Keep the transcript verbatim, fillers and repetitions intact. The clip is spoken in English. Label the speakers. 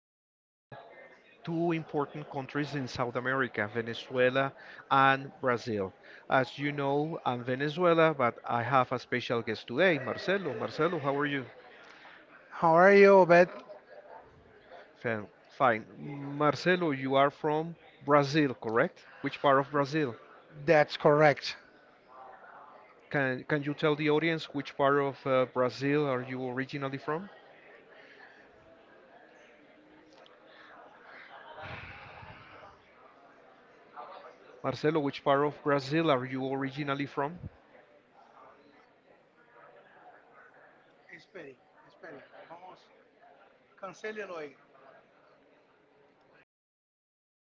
Speaker 1: between two important countries in South America, Venezuela and Brazil. As you know, I'm Venezuela, but I have a special guest today, Marcelo. Marcelo, how are you?
Speaker 2: How are you, Obed?
Speaker 1: Fin- Fine. Marcelo, you are from Brazil, correct? Which part of Brazil?
Speaker 2: That's correct.
Speaker 1: Can can you tell the audience which part of uh, Brazil are you originally from? Marcelo, which part of Brazil are you originally from?